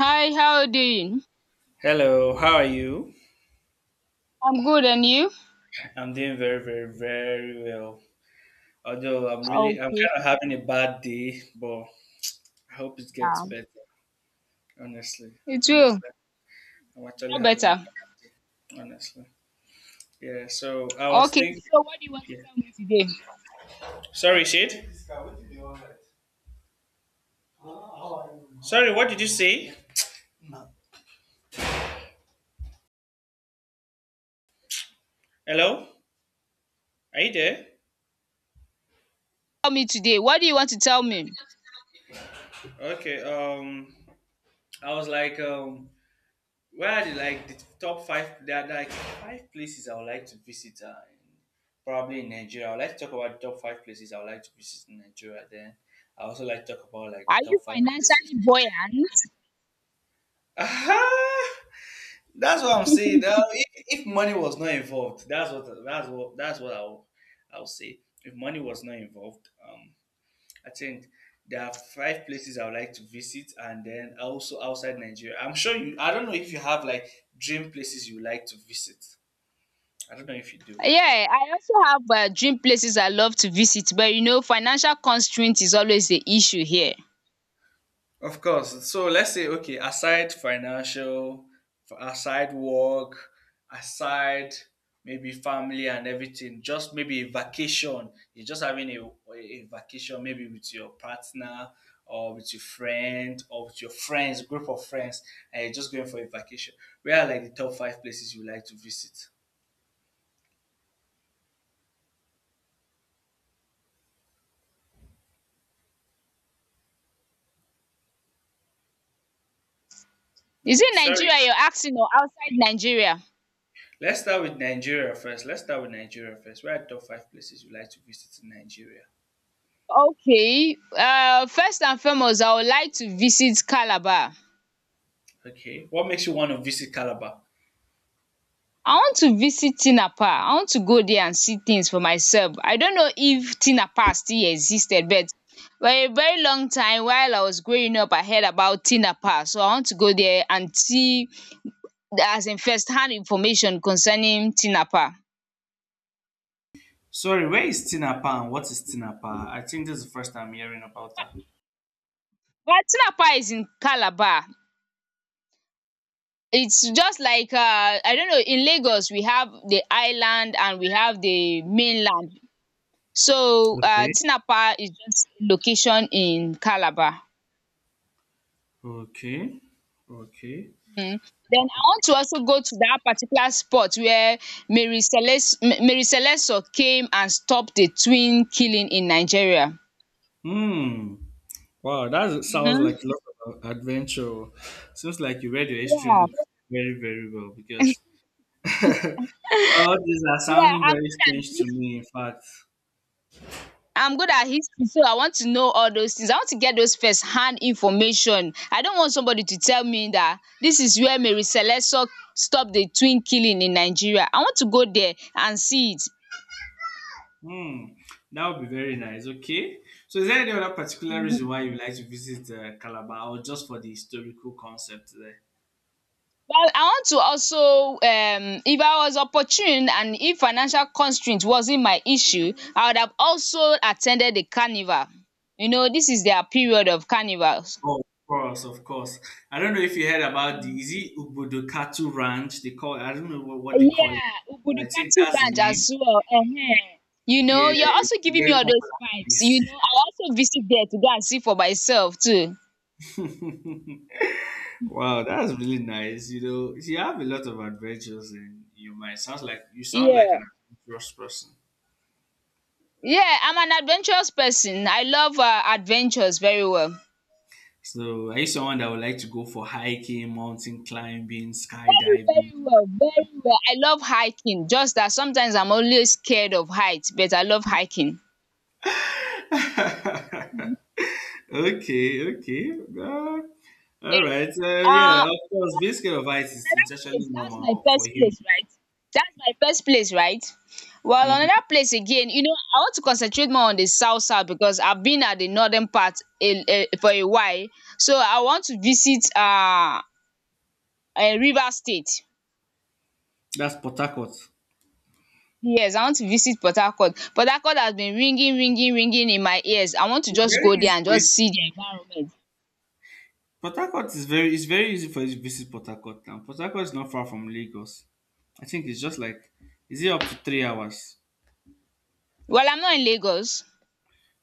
Hi, how are you doing? Hello, how are you? I'm good, and you? I'm doing very, very, very well. Although I'm Okay, kind of having a bad day, but I hope it gets yeah. better. Honestly, It's will honestly, I'm actually get having a better. bad day. Honestly, yeah. So I was Okay, thinking, so what do you want to yeah. tell me today? Sorry, Shade. Sorry, what did you say? Hello, are you there? Tell me today. What do you want to tell me? Okay. Um, I was like, where are the top five? There are like five places I would like to visit. Probably in Nigeria. I would like to talk about the top five places I would like to visit in Nigeria. Then I also like to talk about like Are the you top five places. financially buoyant? Ah, that's what I'm saying. Now, if money was not involved, that's what I'll say. If money was not involved, I think there are five places I would like to visit, and then also outside Nigeria. I'm sure you. I don't know if you have like dream places you like to visit. I don't know if you do. Yeah, I also have dream places I love to visit, but you know, financial constraint is always the issue here. Of course. So let's say, okay, aside financial, aside work, aside maybe family and everything, just maybe a vacation. You're just having a vacation, maybe with your partner or with your friend or with your friends, group of friends, and you're just going for a vacation. Where are like the top five places you like to visit? Is You, it sorry, Nigeria you're asking or outside Nigeria? let's start with Nigeria first. Let's start with Nigeria first. Where are the top five places you like to visit in Nigeria? Okay, first and foremost, I would like to visit Calabar. Okay. What makes you want to visit Calabar? I want to visit Tina Park. I want to go there and see things for myself. I don't know if Tina Park still existed, but for a very long time while I was growing up, I heard about Tina Park. So I want to go there and see as in first hand information concerning Tina Park. Sorry, where is Tinapa and what is Tinapa? I think this is the first time I'm hearing about that. Well, Tina Park is in Calabar. It's just like I don't know, in Lagos we have the island and we have the mainland. So Okay. Tina Park is just location in Calabar. Okay. Okay. Mm. Then I want to also go to that particular spot where Mary Celesio came and stopped the twin killing in Nigeria. Hmm. Wow, that sounds like Mm-hmm. a lot of adventure. Seems like you read your history Yeah. book very, very well because all these are Yeah, sounding I'm very good at strange to this. me, in fact. I'm good at history, so I want to know all those things. I want to get those first hand information. I don't want somebody to tell me that this is where Mary Celesio stopped the twin killing in Nigeria. I want to go there and see it. Hmm. That would be very nice. Okay. So, is there any other particular reason why you like to visit Calabar or just for the historical concept there? Well, I want to also if I was opportune and if financial constraint wasn't my issue, I would have also attended the carnival. You know, this is their period of carnivals. Oh, of course, of course. I don't know if you heard about the is it Ubodokatu Ranch? They call I don't know what they call it, Yeah, but I think Ubudukatu that's the Ranch name. as well. Ehen. You know, Yeah, you're also it's a giving me very all those popular vibes. You place. know, I'll also visit there to go and see for myself too. Wow, that's really nice. You know, you have a lot of adventures, and you might sound like you sound like Yeah. an adventurous person. Yeah, I'm an adventurous person. I love adventures very well. So, are you someone that would like to go for hiking, mountain climbing, Very, skydiving? very well, very well. I love hiking, just that sometimes I'm always scared of heights, but I love hiking. Okay, okay. Uh, all Yeah. right. Yeah, Uh, of course, being scared of heights is another it's actually place, that's my normal for first humans. place, right? That's my first place, right? Well, Hmm. another place again, you know, I want to concentrate more on the south south because I've been at the northern part for a while. So I want to visit a River State. That's Port Harcourt. Yes, I want to visit Port Harcourt. Port Harcourt has been ringing, ringing, ringing in my ears. I want to It's just very go there easy and for just see it. the environment. Port Harcourt is very it's very easy for you to visit Port Harcourt now. Port Harcourt is not far from Lagos. I think it's just like is it up to 3 hours? Well, I'm not in Lagos.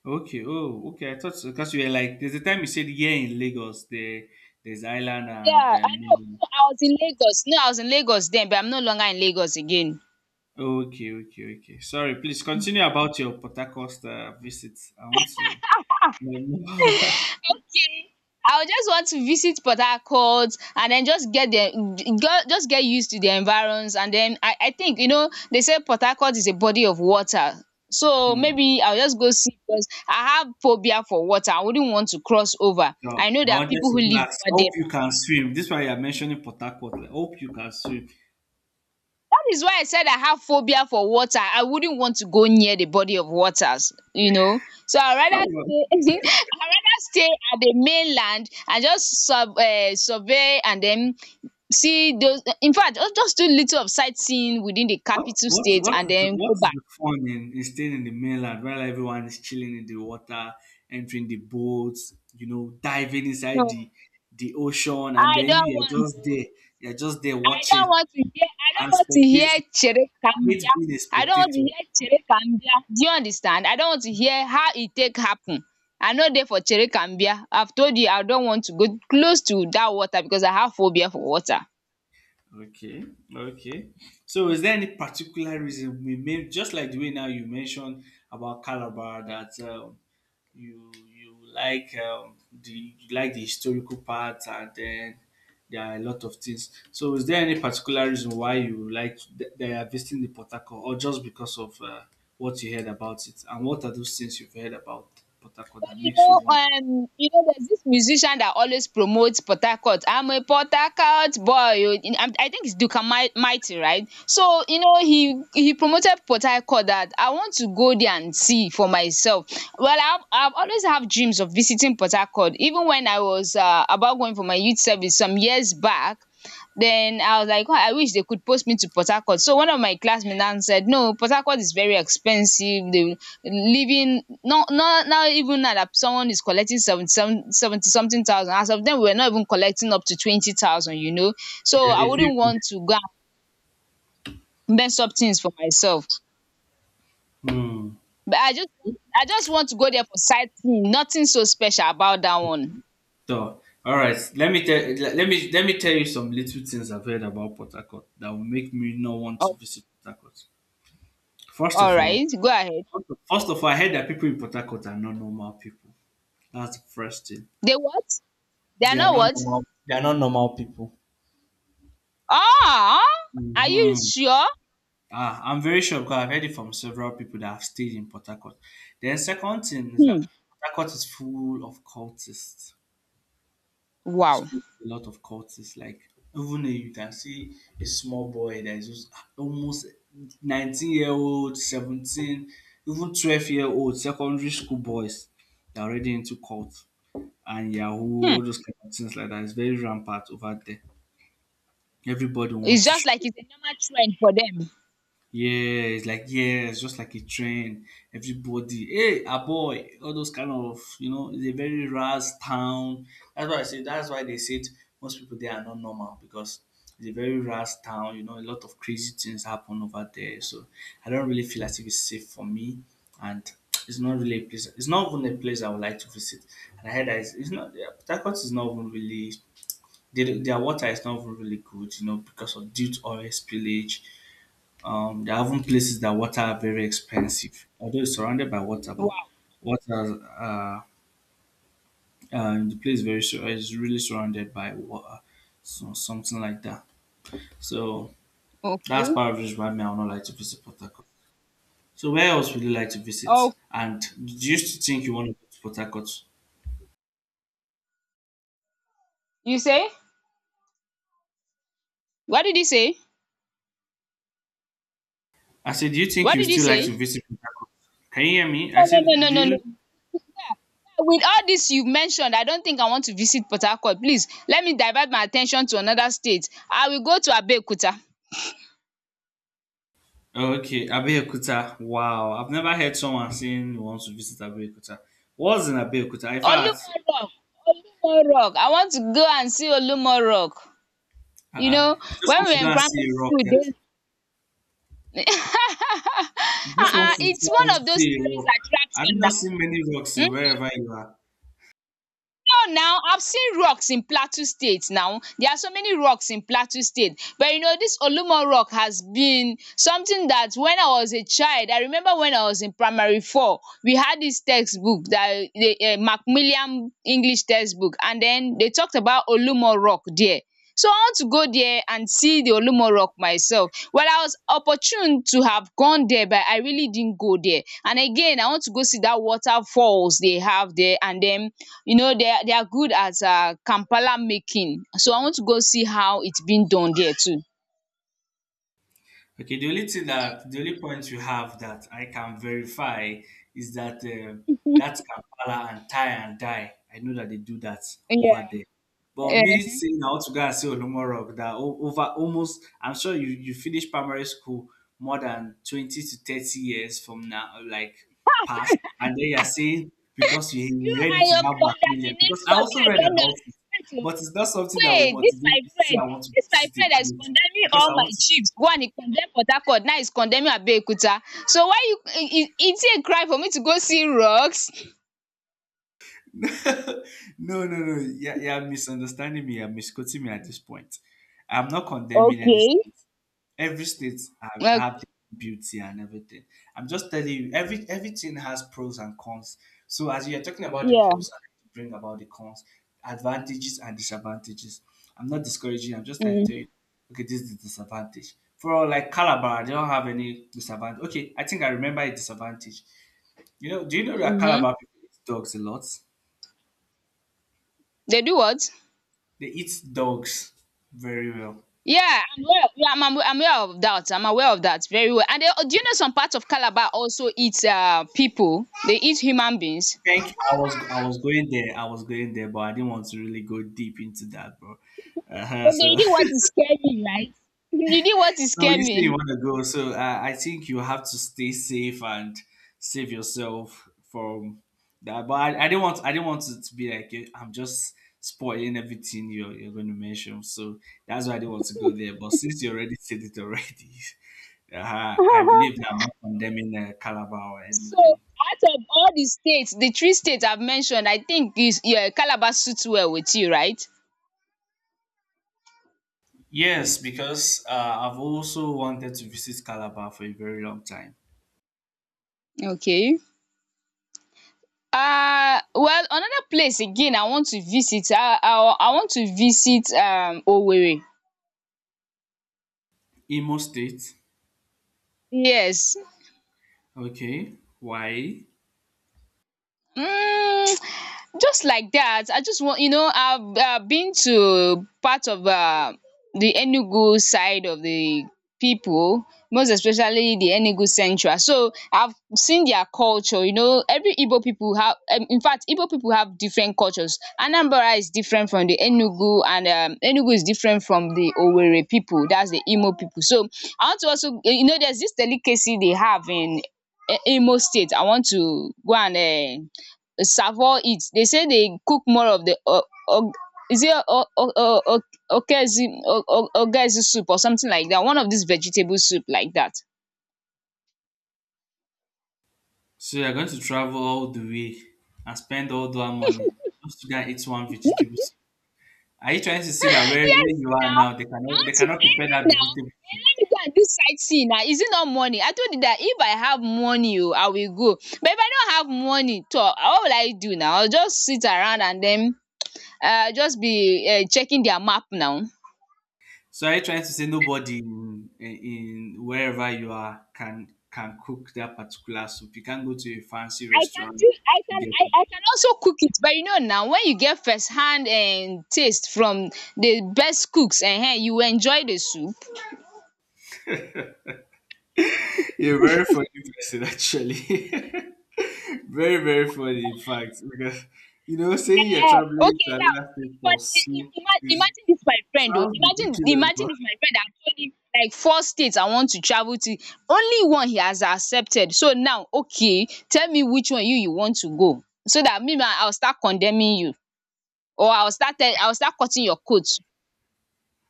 Okay. Oh, okay. I thought because you were like there's a time you said here in Lagos there there's island and Yeah, I know. mainland. No, I was in Lagos. No, I was in Lagos then, but I'm no longer in Lagos again. Okay, okay, okay. Sorry. Please continue about your Port Harcourt visits. I want to. Um, Okay. I would just want to visit Port Harcourt and then just get the just get used to the environs, and then I think you know they say Port Harcourt is a body of water. So hmm, maybe I'll just go see because I have phobia for water. I wouldn't want to cross over. God, I know I there are wanted people who to go live ask, over hope there. you can swim. This is why you are mentioning Port Harcourt. Like, hope you can swim. That is why I said I have phobia for water. I wouldn't want to go near the body of waters, you know. So I Come on. rather stay I rather stay at the mainland and just sub survey, and then see those, in fact just do little of sightseeing within the What capital what state what and is then what go is back. the fun in staying in the mainland while everyone is chilling in the water, entering the boats, you know, diving inside So the ocean, and I then you don't are want just to there, you see. are just there I watching don't want to hear. I and don't want to hear spectating. I hate cherekambia. being a I don't want to spectator. hear cherekambia. Do you understand? I don't want to hear how e take happen. I no dey for cherekambia. I've told you I don't want to go close to dat water because I have phobia for water. Okay, okay. So, is there any particular reason we may just like the way now you mentioned about Calabar that you like the you like the historical part and then there are a lot of things. So, is there any particular reason why you like they are visiting the Port Harcourt or just because of what you heard about it? And what are those things you've heard about Port Harcourt Well, that makes you want? You know, there's this musician that always promotes Port Harcourt. I'm a Port Harcourt boy. Oh. I think it's Mighty, right? So, you know, he promoted Port Harcourt, that I want to go there and see for myself. Well, I've always have dreams of visiting Port Harcourt. Even when I was about going for my youth service some years back, then I was like, God, I wish they could post me to Port Harcourt. So one of my classmates now said, no, Port Harcourt is very expensive, the living, not now, even now that someone is collecting seventy seven seventy something thousand. As of then, we were not even collecting up to 20,000, you know. So Yeah, I it's. wouldn't It. want to go and mess up things for myself. Hmm. But I just want to go there for sightseeing, nothing so special about that one. So, all right. Let me tell you some little things I've heard about Port Harcourt that will make me not want to Oh, visit Port Harcourt. First of all, alright, go ahead. first of all, I heard that people in Port Harcourt are not normal people. That's the first thing. They what? They are They are not not what? normal. They are not normal people. Ah! Are you Hmm. sure? Ah, I'm very sure because I've heard it from several people that have stayed in Port Harcourt. Then second thing is Hmm, that Port Harcourt is full of cultists. wow. Still a lot of cultists, like even a, you can see a small boy that is just almost 19-year-old, 17, even 12-year-old secondary school boys that are already into cult and Yahoo, Hmm. all those kind of things like that. It's very rampant over there. Everybody It's wants just like to it's a normal trend for them. yeah, it's like yeah, it's just like a trend. Everybody, hey, a boy, all those kind of you know, it's a very ras town. That's why I say that's why they said most people there are not normal because it's a very ras town. You know, a lot of crazy things happen over there. So I don't really feel as if it's safe for me, and it's not really a place. It's not even a place I would like to visit. And I heard that it's not. Yeah, Port Harcourt is not even really. Their water is not even really good, you know, because of due to oil spillage there are even places that water are very expensive, although it's surrounded by water, but Wow. water the place is really surrounded by water, so something like that. So that's Okay. part of the reason why me I would not like to visit Port Harcourt. So where else would you like to visit? Oh, And do you still think you want to go to Port Harcourt? you say? What did he say? I said, do you think What you did he still like say? to visit Port Harcourt? Can you hear me? I No, no, said, no, do no, no, you no. With all this you mentioned, I don't think I want to visit Port Harcourt. Please let me divert my attention to another state. I will go to Abeokuta. okay, Abeokuta. Wow, I've never heard someone saying he wants to visit Abeokuta. What's in Abeokuta? In fact, Olumo Rock. I want to go and see Olumo. You uh-uh. know, You just when want we to were go in and see primary a rock. school, Yeah? they You just want uh-uh, to it's travel one to of those see a tourist rock. Have you attraction not now. seen many rocks in Hmm? wherever you are? No, now I've seen rocks in Plateau State. Now there are so many rocks in Plateau State, but you know this Olumo Rock has been something that when I was a child, I remember when I was in primary four, we had this textbook, that the Macmillan English textbook, and then they talked about Olumo Rock there. So I want to go there and see the Olumo Rock myself. Well, I was opportune to have gone there, but I really didn't go there. And again, I want to go see that waterfalls they have there, and then you know they are good at Kampala making, so I want to go see how it's been done there too. Okay, the only point you have that I can verify is that that Kampala and tie and die. I know that they do that over Yeah. there. But me Um, saying I want to go and see Olumo Rock that over almost I'm sure you finish primary school more than 20 to 30 years from now, like past, and then you're saying because you you read and it in your that Macmillan because I condemnation, me also I read don't know, about it, wait. Oo but it's not something that will wait, dis motivate my me to say friend I want to dis my visit friend a dat is place condemning because all I my want to chiefs, one he condemn Port Harcourt, now he is condemning Abeokuta, so why you e e is it a crime for me to go see rocks? no, no, no. Yeah, yeah. Misunderstanding me. You're misquoting me at this point. I'm not condemning any Okay. state. Every state Well. have their beauty and everything. I'm just telling you. Everything has pros and cons. So as you are talking about the Yeah. pros, I like to bring about the cons, advantages and disadvantages. I'm not discouraging. I'm just trying to tell Mhm. you. Okay, this is the disadvantage. For like Calabar, they don't have any disadvantage. Okay, I think I remember a disadvantage. You know, do you know that Mhm. Calabar people eat dogs a lot? They do what? They eat dogs very well. Yeah, I'm aware. Of, yeah, I'm aware of that. I'm aware of that very well. And they, do you know some parts of Calabar also eat people? They eat human beings. Thank I was going there. I was going there, but I didn't want to really go deep into that, bro. Uh-huh, But they so did what is scare me, right? You did what is so scare you say you me. want to go. So I think you have to stay safe and save yourself from that. But I didn't want it to be like eh, I'm just spoiling everything you're going to mention. So that's why I didn't want to go there. But since you already said it already, I believe that I'm not condemning Calabar or So anything. out of all the states, the three states I've mentioned, I think is, yeah, Calabar suits well with you, right? Yes, because I've also wanted to visit Calabar for a very long time. Okay. Well, another place again I want to visit. I want to visit Owerri. Imo State, Yes. okay. Why? Mm, just like that, I just want, you know, I've been to part of the enugu side of the people, most especially the enugu central, so I've seen their culture. You know, every igbo people have, in fact igbo people have different cultures, anambra is different from the enugu, and enugu is different from the owerri people, that's the imo people. So I want to also, you know, there's this delicacy they have in Imo state. I want to go and savour it. They say they cook more of the o o is it o o o o ogezi soup or something like that. One of these vegetable soup like that. So you're going to travel all the way and spend all that money just to go and eat one vegetable. Are you trying to say that Yes where you are now. now, I they want to cannot earn prepare it that now. vegetable? Eh, let me go and do sightseeing now. Is it not money? I told you that if I have money o, I will go. But if I don't have money toor, what will I do now? I will just sit around and then just be checking their map now. So are you trying to say nobody in wherever you are can cook that particular soup? You can't go to a fancy I can restaurant do to get I can also cook it, but you know now, when you get first hand and taste from the best cooks, you enjoy the soup. you're a very funny person, actually. Very, very funny, in fact. Because, you know, saying you're Eh, traveling okay to now, another state but for soup is, imagine this my friend, oh, sounds imagine ridiculous, imagine but if my friend had told him, like, four states I want to travel to, only one he has accepted, so now, okay, tell me which one you want to go, so that me ma, I will start condemning you, or I will start tell I will start cutting your coat.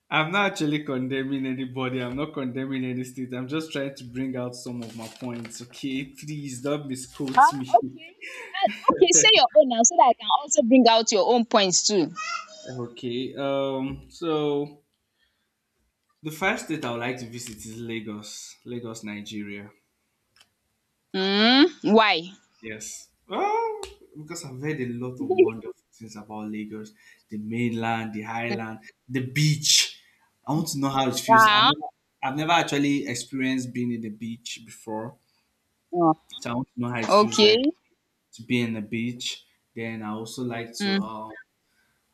I'm not actually condemning anybody. I'm not condemning any state. I'm just trying to bring out some of my points, okay? Please don't misquote Ah, me. okay. Ah, okay, say your own now so that I can also bring out your own points too. Okay, so the first state I would like to visit is Lagos, Lagos, Nigeria. Hmm. Why? Yes. Oh, because I've heard a lot of wonderful things about Lagos, the mainland, the highland, the beach. I want to know how it feels. Wow. I've never actually experienced being in the beach before, Oh, so I want to know how it feels okay. like to be in the beach. Then I also like to Mm, um,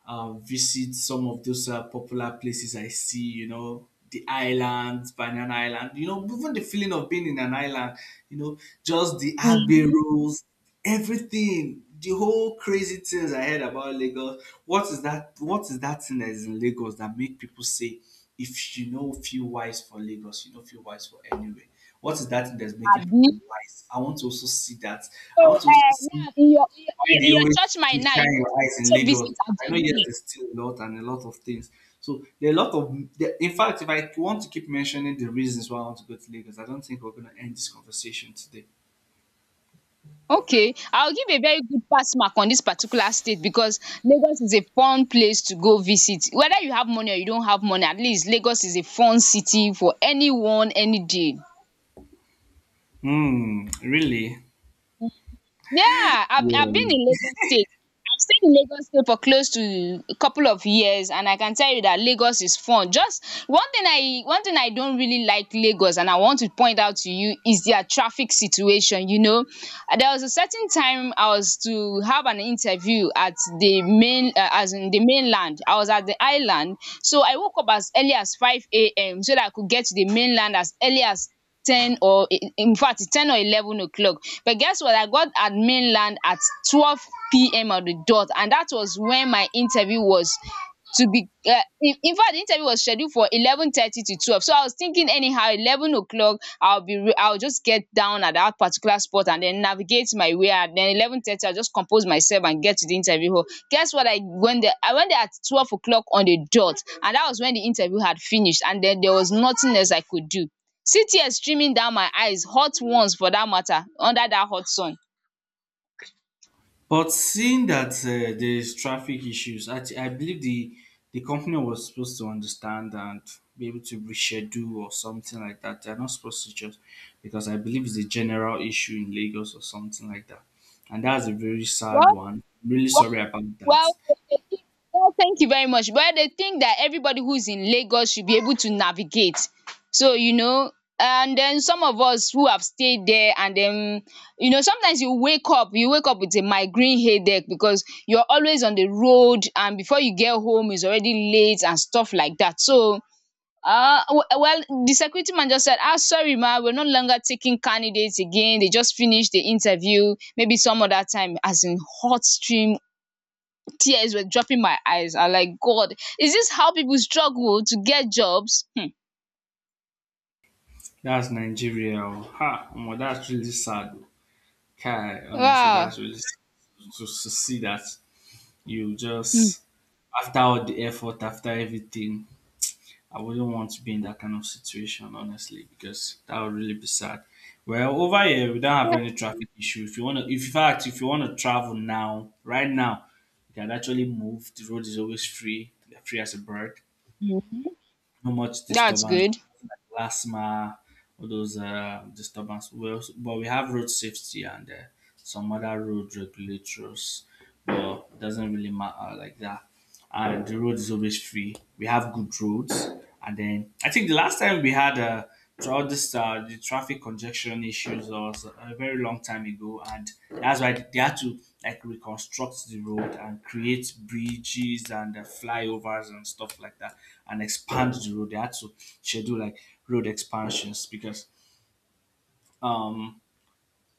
uh, visit some of those popular places I see, you know, the islands, Banana Island, you know, even the feeling of being in an island, you know, just the Agbe mhm. rules, everything, the whole crazy things I heard about Lagos. What is that? What is that thing that is in Lagos that make people say, if you know, feel wise for Lagos, you know, feel wise for anywhere. What is that thing that's making Abi. people wise? I want to also see that. So, I want to also see now in your, in why your they in your church always they mind now, you shine want to your eyes in also Lagos. visit I know yes, Ajegunle. there's still a lot and a lot of things. So there are a lot of there, in fact, if I want to keep mentioning the reasons why I want to go to Lagos, I don't think we're gonna end this conversation today. Okay, I'll give a very good pass mark on this particular state because Lagos is a fun place to go visit. Whether you have money or you don't have money, at least Lagos is a fun city for anyone any day. Hmm, really? Yeah, I've, Yeah, I've been in Lagos State. I've stayed in Lagos State for close to a couple of years, and I can tell you that Lagos is fun. Just one thing I don't really like Lagos, and I want to point out to you is their traffic situation. There was a certain time I was to have an interview at as in the mainland. I was at the island, so I woke up as early as 5 a.m. so that I could get to the mainland as early as ten or in fact 10 or 11 o'clock. But guess what? I got at mainland at 12 p.m. on the dot, and that was when my interview was to be. In fact, the interview was scheduled for 11:30 to 12. So I was thinking anyhow 11 o'clock I'll just get down at that particular spot and then navigate my way, and then 11:30 I'll just compose myself and get to the interview hall. Guess what? I went there at 12 o'clock on the dot, and that was when the interview had finished, and then there was nothing else I could do. See tears streaming down my eyes, hot ones for that matter, under that hot sun. but seeing that there is traffic issues, I believe the company was supposed to understand and be able to reschedule or something like that. They're not supposed to just, because I believe it's a general issue in Lagos or something like that. And that's a very sad Well one. Really well sorry about well, that. dey think. Well, thank you very much. But dey think that everybody who is in Lagos should be able to navigate. So, and then some of us who have stayed there, and then, sometimes you wake up with a migraine headache, because you are always on the road, and before you get home it's already late and stuff like that, so well, the security man just said, "Ah, sorry, ma, we're no longer taking candidates again. They just finished the interview. Maybe some other time." As in hot stream, tears were dropping my eyes. I like, God, is this how people struggle to get jobs? Hmm. That's Nigeria. Oh. Ha, omo, that's really sad. Oh. Kai, honestly, Wow. that's really sad to see that you just, after all the effort, after everything, I wouldn't want to be in that kind of situation, honestly, because that would really be sad. Well, over here we don't have any traffic issue. If in fact if you wanna travel now, right now, you can actually move. The road is always free, they're free as a bird. Mhm. No much That's disturbance good. like LASMA or those disturbance. We also, but we have road safety and some other road regulators, but it doesn't really matter like that, and the road is always free. We have good roads, and then I think the last time we had throughout this the traffic congestion issues was a very long time ago, and that's why they had to like reconstruct the road and create bridges and flyovers and stuff like that, and expand the road. They had to schedule like road expansions because um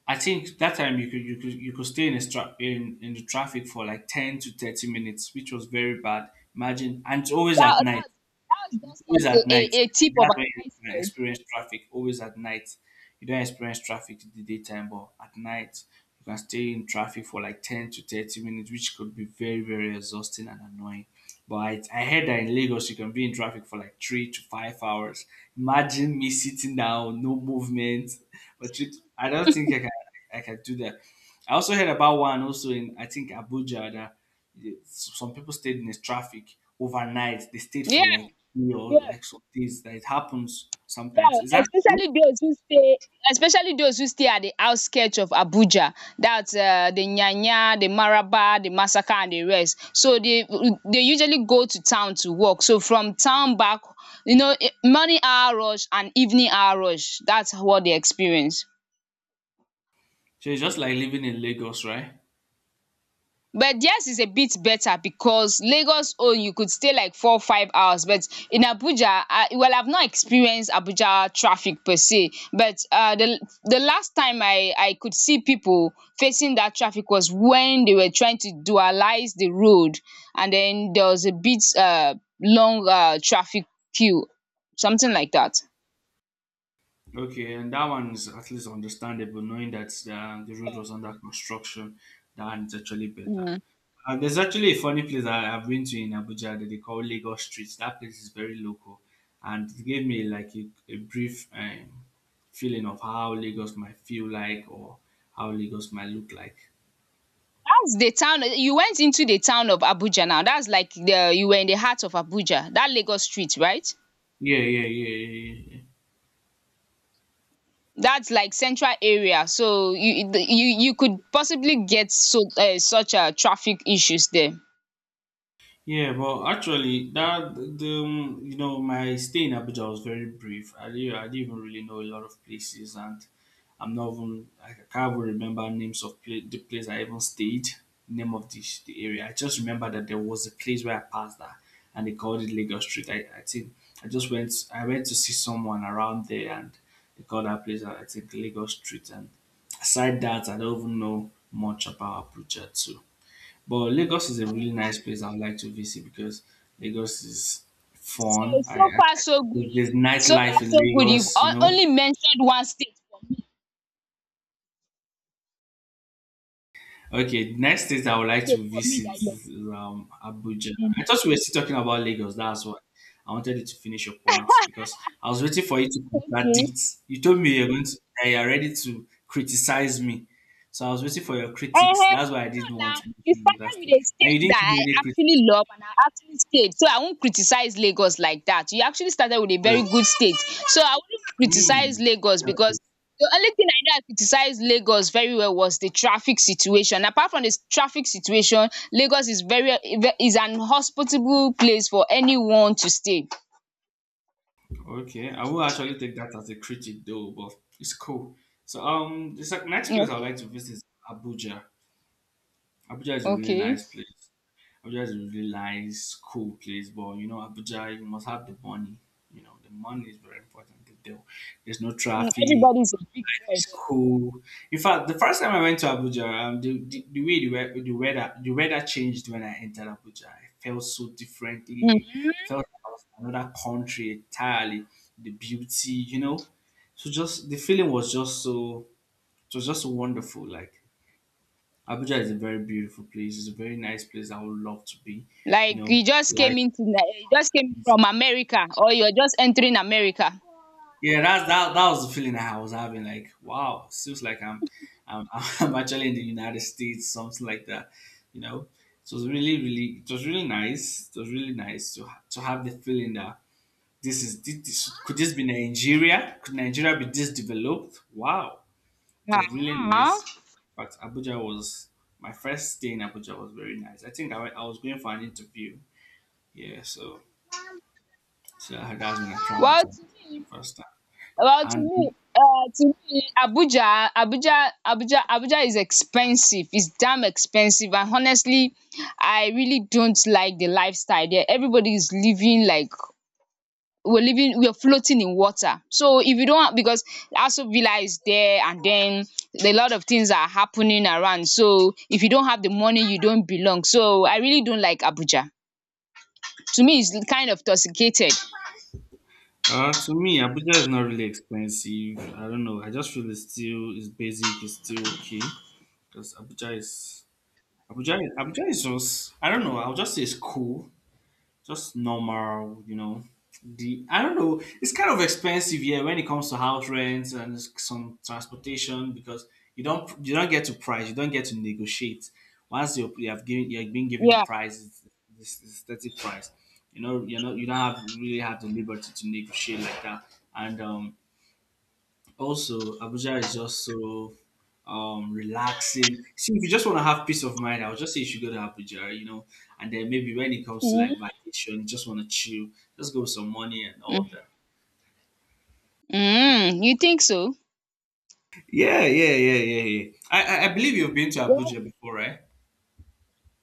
I think that time you could stay in a stra- in the traffic for like 10 to 30 minutes, which was very bad. Imagine, and it's always at That, night. that, that was It's just always like at a, night. a, a I tip think of that's an when you can iceberg. experience traffic. Always at night. You don't experience traffic in the daytime, but at night you can stay in traffic for like 10 to 30 minutes, which could be very, very exhausting and annoying. But I heard that in Lagos you can be in traffic for like 3 to 5 hours. Imagine me sitting down, no movement. But you, I don't think I can do that. I also heard about one also in I think Abuja that some people stayed in the traffic overnight. They stayed Yeah. for like three or Yeah. like some days. That it happens Yeah, sometimes. Is that especially those who stay at the outskirts of Abuja. That's the Nyanya, the Maraba, the Masaka, and the rest. So they usually go to town to work. So from town back, morning hour rush and evening hour rush. That's what they experience. so? It's just like living in Lagos, right? But theirs is a bit better because Lagos, oh, you could stay like 4 or 5 hours. But in Abuja, well, I've not experienced Abuja traffic per se, but the last time I could see people facing that traffic was when they were trying to dualize the road, and then there was a bit long traffic queue, something like that. Okay, and that one is at least understandable, knowing that the road was under construction. That one's actually better. Mm. There's actually a funny place that I've been to in Abuja that they call Lagos Street. That place is very local, and it gave me like a brief feeling of how Lagos might feel like or how Lagos might look like. That's the town you went into, the town of Abuja. Now that's like the you were in the heart of Abuja. That Lagos Street, right? Yeah, yeah, yeah, yeah, yeah. That's like central area, so you the- you could possibly get such traffic issues there. Yeah, yeah, but actually, that the you know my stay in Abuja was very brief. I didn't even really know a lot of places, and I can't even remember names of pla the place I even stayed, name of the area. I just remember that there was a place where I passed that, and they called it Lagos Street. I think I went to see someone around there, and they called that place I think Lagos Street. And aside that, I don't even know much about Abuja too. But Lagos is a really nice place I would like to visit because Lagos is So fun. So far so good There's so nightlife far in so good you've Lagos, you know. only mentioned one state for me, Okay, next place I would like to visit that you're. is Abuja. I Mhm. thought we were still talking about Lagos. That's why I wanted you to finish your point because I was waiting for you to Okay. contradict. You told me you're going to, that you're ready to criticize me, so I was waiting for your Ehen, critics. That's why I no didn't want na, to you mention another started with state, a and you state didn't give that me I any critics. actually love and I actually stayed. So I won't criticize Lagos like that. You actually started with a very So, good state. So I wouldn't criticize mm, I Lagos, love because it. the only thing I know I criticized Lagos very well was the traffic situation. Apart from the traffic situation, Lagos is very is an hospitable place for anyone to stay. Okay, I will actually take that as a critic though, but it's cool. So next Yeah. place I would like to visit is Abuja. Abuja is a really Okay. nice place. Abuja is a really nice, cool place, but you know, Abuja, you must have the money. You know, the money is very important. There- There's no Mm, traffic. everybody is a big boy It's cool. In fact, the first time I went to Abuja, the way the, wea- the weather changed when I entered Abuja. I felt so there. differently. Mhm. Felt like I was in another country entirely. The beauty, you know. So just the feeling was just so it was just so wonderful. Like Abuja is a very beautiful place. It's a very nice place. I would love to be. You Like know, life you just came is, from America, or you're just entering America. yeah, that's that was the feeling I was having. Like, wow, it seems like I'm I'm actually in the United States, something like that. You know? It was really, really, it was really nice. It was really nice to to have the feeling that this, could this be Nigeria? Could Nigeria be this developed? Wow. It was really Ah. nice. In fact, Abuja was My first stay in Abuja was very nice. I think I was going for an interview. Yeah, so so that's when I traveled to Well, Abuja t- first time. well, to me, And Abuja is expensive. It's damn expensive, and honestly, I really don't like the lifestyle there. Everybody is living like we're floating in water. So if you don't, because also villa is there, and then a lot of things are happening around, so if you don't have the money, you don't belong. So I really don't like Abuja. To me, it's kind of toxicated. To me, Abuja is not really expensive. I don't know. I just feel it's still it's basic. It's still okay because Abuja is Abuja. Abuja is just, I don't know. I'll just say it's cool, just normal, you know. The I don't know. It's kind of expensive here when it comes to house rents and some transportation because you don't get to price. You don't get to negotiate. Once you have been given a Yeah. price, it's, this is static price. You know you don't have really have the liberty to negotiate like that. And also, Abuja is just so relaxing. See, if you just want to have peace of mind, I would just say you should go to Abuja, you know. And then maybe when it comes to like Mm-hmm. vacation, you just want to chill, just go with some money and all that. Mm, you think so? Yeah, yeah, yeah, yeah, yeah. I believe you've been to Abuja before, right?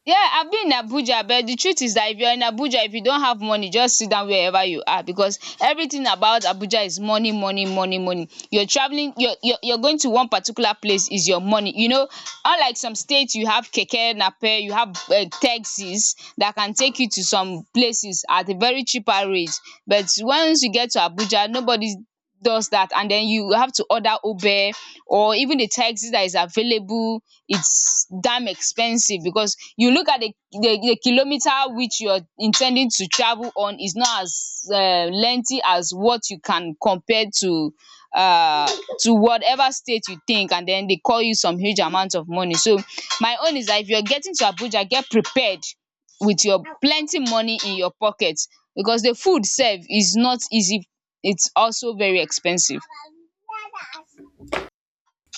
Yeah, I've been in Abuja, but the truth is that if you're in Abuja, if you don't have money, just sit down wherever you are, because everything about Abuja is money, money, money, money. You're travelling, you're going to one particular place is your money, unlike some states. You have keke Nape, you have taxis that can take you to some places at a very cheaper rate, but once you get to Abuja nobody does that, and then you have to order Uber, or even the taxi that is available, it's damn expensive, because you look at the kilometer which you're intending to travel on is not as lengthy as what you can compare uh to whatever state you think, and then they call you some huge amount of money. So my own is that if you're getting to Abuja, get prepared with your plenty money in your pocket, because the food serve is not easy, it's also very expensive.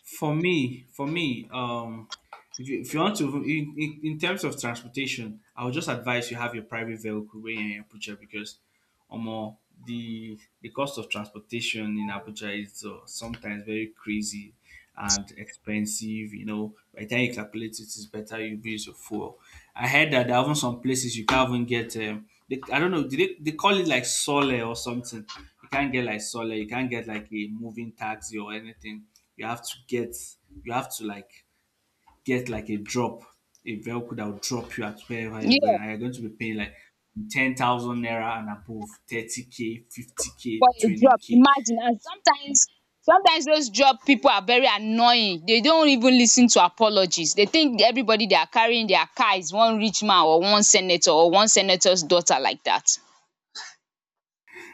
For me, if you want to, in terms of transportation, I would just advise you have your private vehicle when you're in Abuja because, um, the cost of transportation in Abuja is sometimes very crazy and expensive. You know, by the time you calculate it, it's better you use your fuel. I heard that there are even some places you can't even get. I don't know. They call it like sole or something? You can't get like solar, you can't get like a moving taxi or anything. You have to get, you have to like get like a drop, a vehicle that will drop you at wherever you're going, Yeah, and you're going to be paying like 10,000 naira and above, 30K, 50K, for a job. 20K. Imagine. And sometimes those job people are very annoying. They don't even listen to apologies. They think everybody they are carrying their car is one rich man, or one senator, or one senator's daughter like that.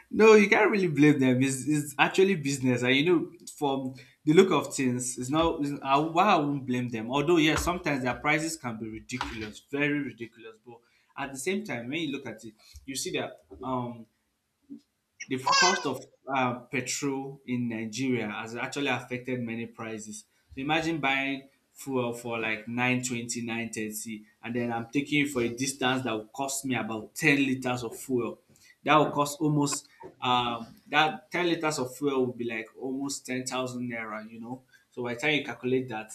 No, you can't really blame them. It's actually business, and you know from the look of things it's not it's, I, why I won't blame them. Although yes, sometimes their prices can be ridiculous, very ridiculous, but at the same time when you look at it, you see that the cost of petrol in Nigeria has actually affected many prices. So imagine buying fuel for like 920, 930, and then I'm taking it for a distance that will cost me about 10 liters of fuel. That will cost almost, that 10 liters of fuel will be like almost 10,000 naira, you know. So by the time you calculate that,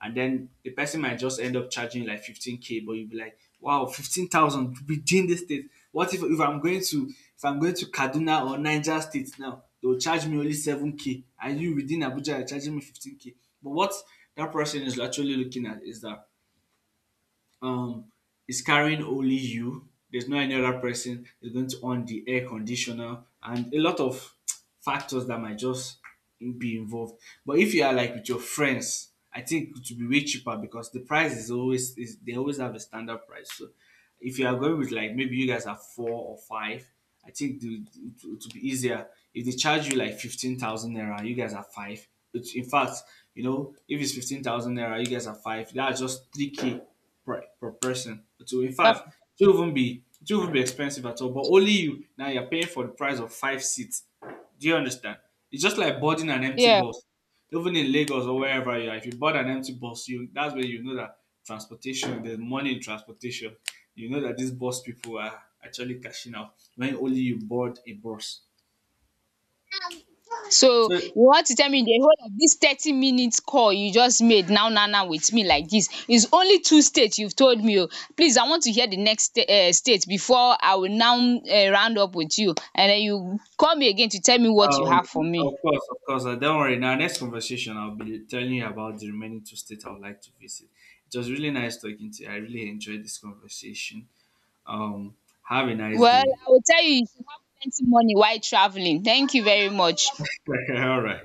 and then the person might just end up charging you like 15K, but you'll be like, wow, 15,000 within the state? What if, if I'm going to Kaduna or Niger State, now they'll charge me only 7K, and you within Abuja are charging me 15K. But what that person is actually looking at is that um is carrying only you. There's no any other person, is going to on the air conditioner, and a lot of factors that might just be involved. But if you are like with your friends, I think it would be way cheaper because the price is always is they always have a standard price. So if you are going with like maybe you guys are four or five, it it would be easier if they charge you like 15,000 naira. You guys are five. It's, in fact, you know, if it's 15,000 naira, you guys are five. That's just three k per person. So in Yeah. fact, it will even be expensive at all. But only you, now you're paying for the price of five seats. Do you understand? It's just like boarding an empty Yeah. bus. Even in Lagos or wherever you are, if you board an empty bus, you, that's where you know that transportation, there's money in transportation. You know that these bus people are actually cashing out when only you board a bus. So So, you want to tell me the whole of dis 30 minutes call you just made now now now with me, like dis is only two state you've told me oo. Please, I want to hear the next state before I will now round up with you, and den you call me again to tell me what you Um, have for of me. course, of course. Don't worry. In our next conversation, I'll be telling you about the remaining two states I would like to visit. It was really nice talking to you. I really enjoyed this conversation. Um, have a nice Well, day. I will tell you, you should have plenty money while travelling. Thank you very much. All right.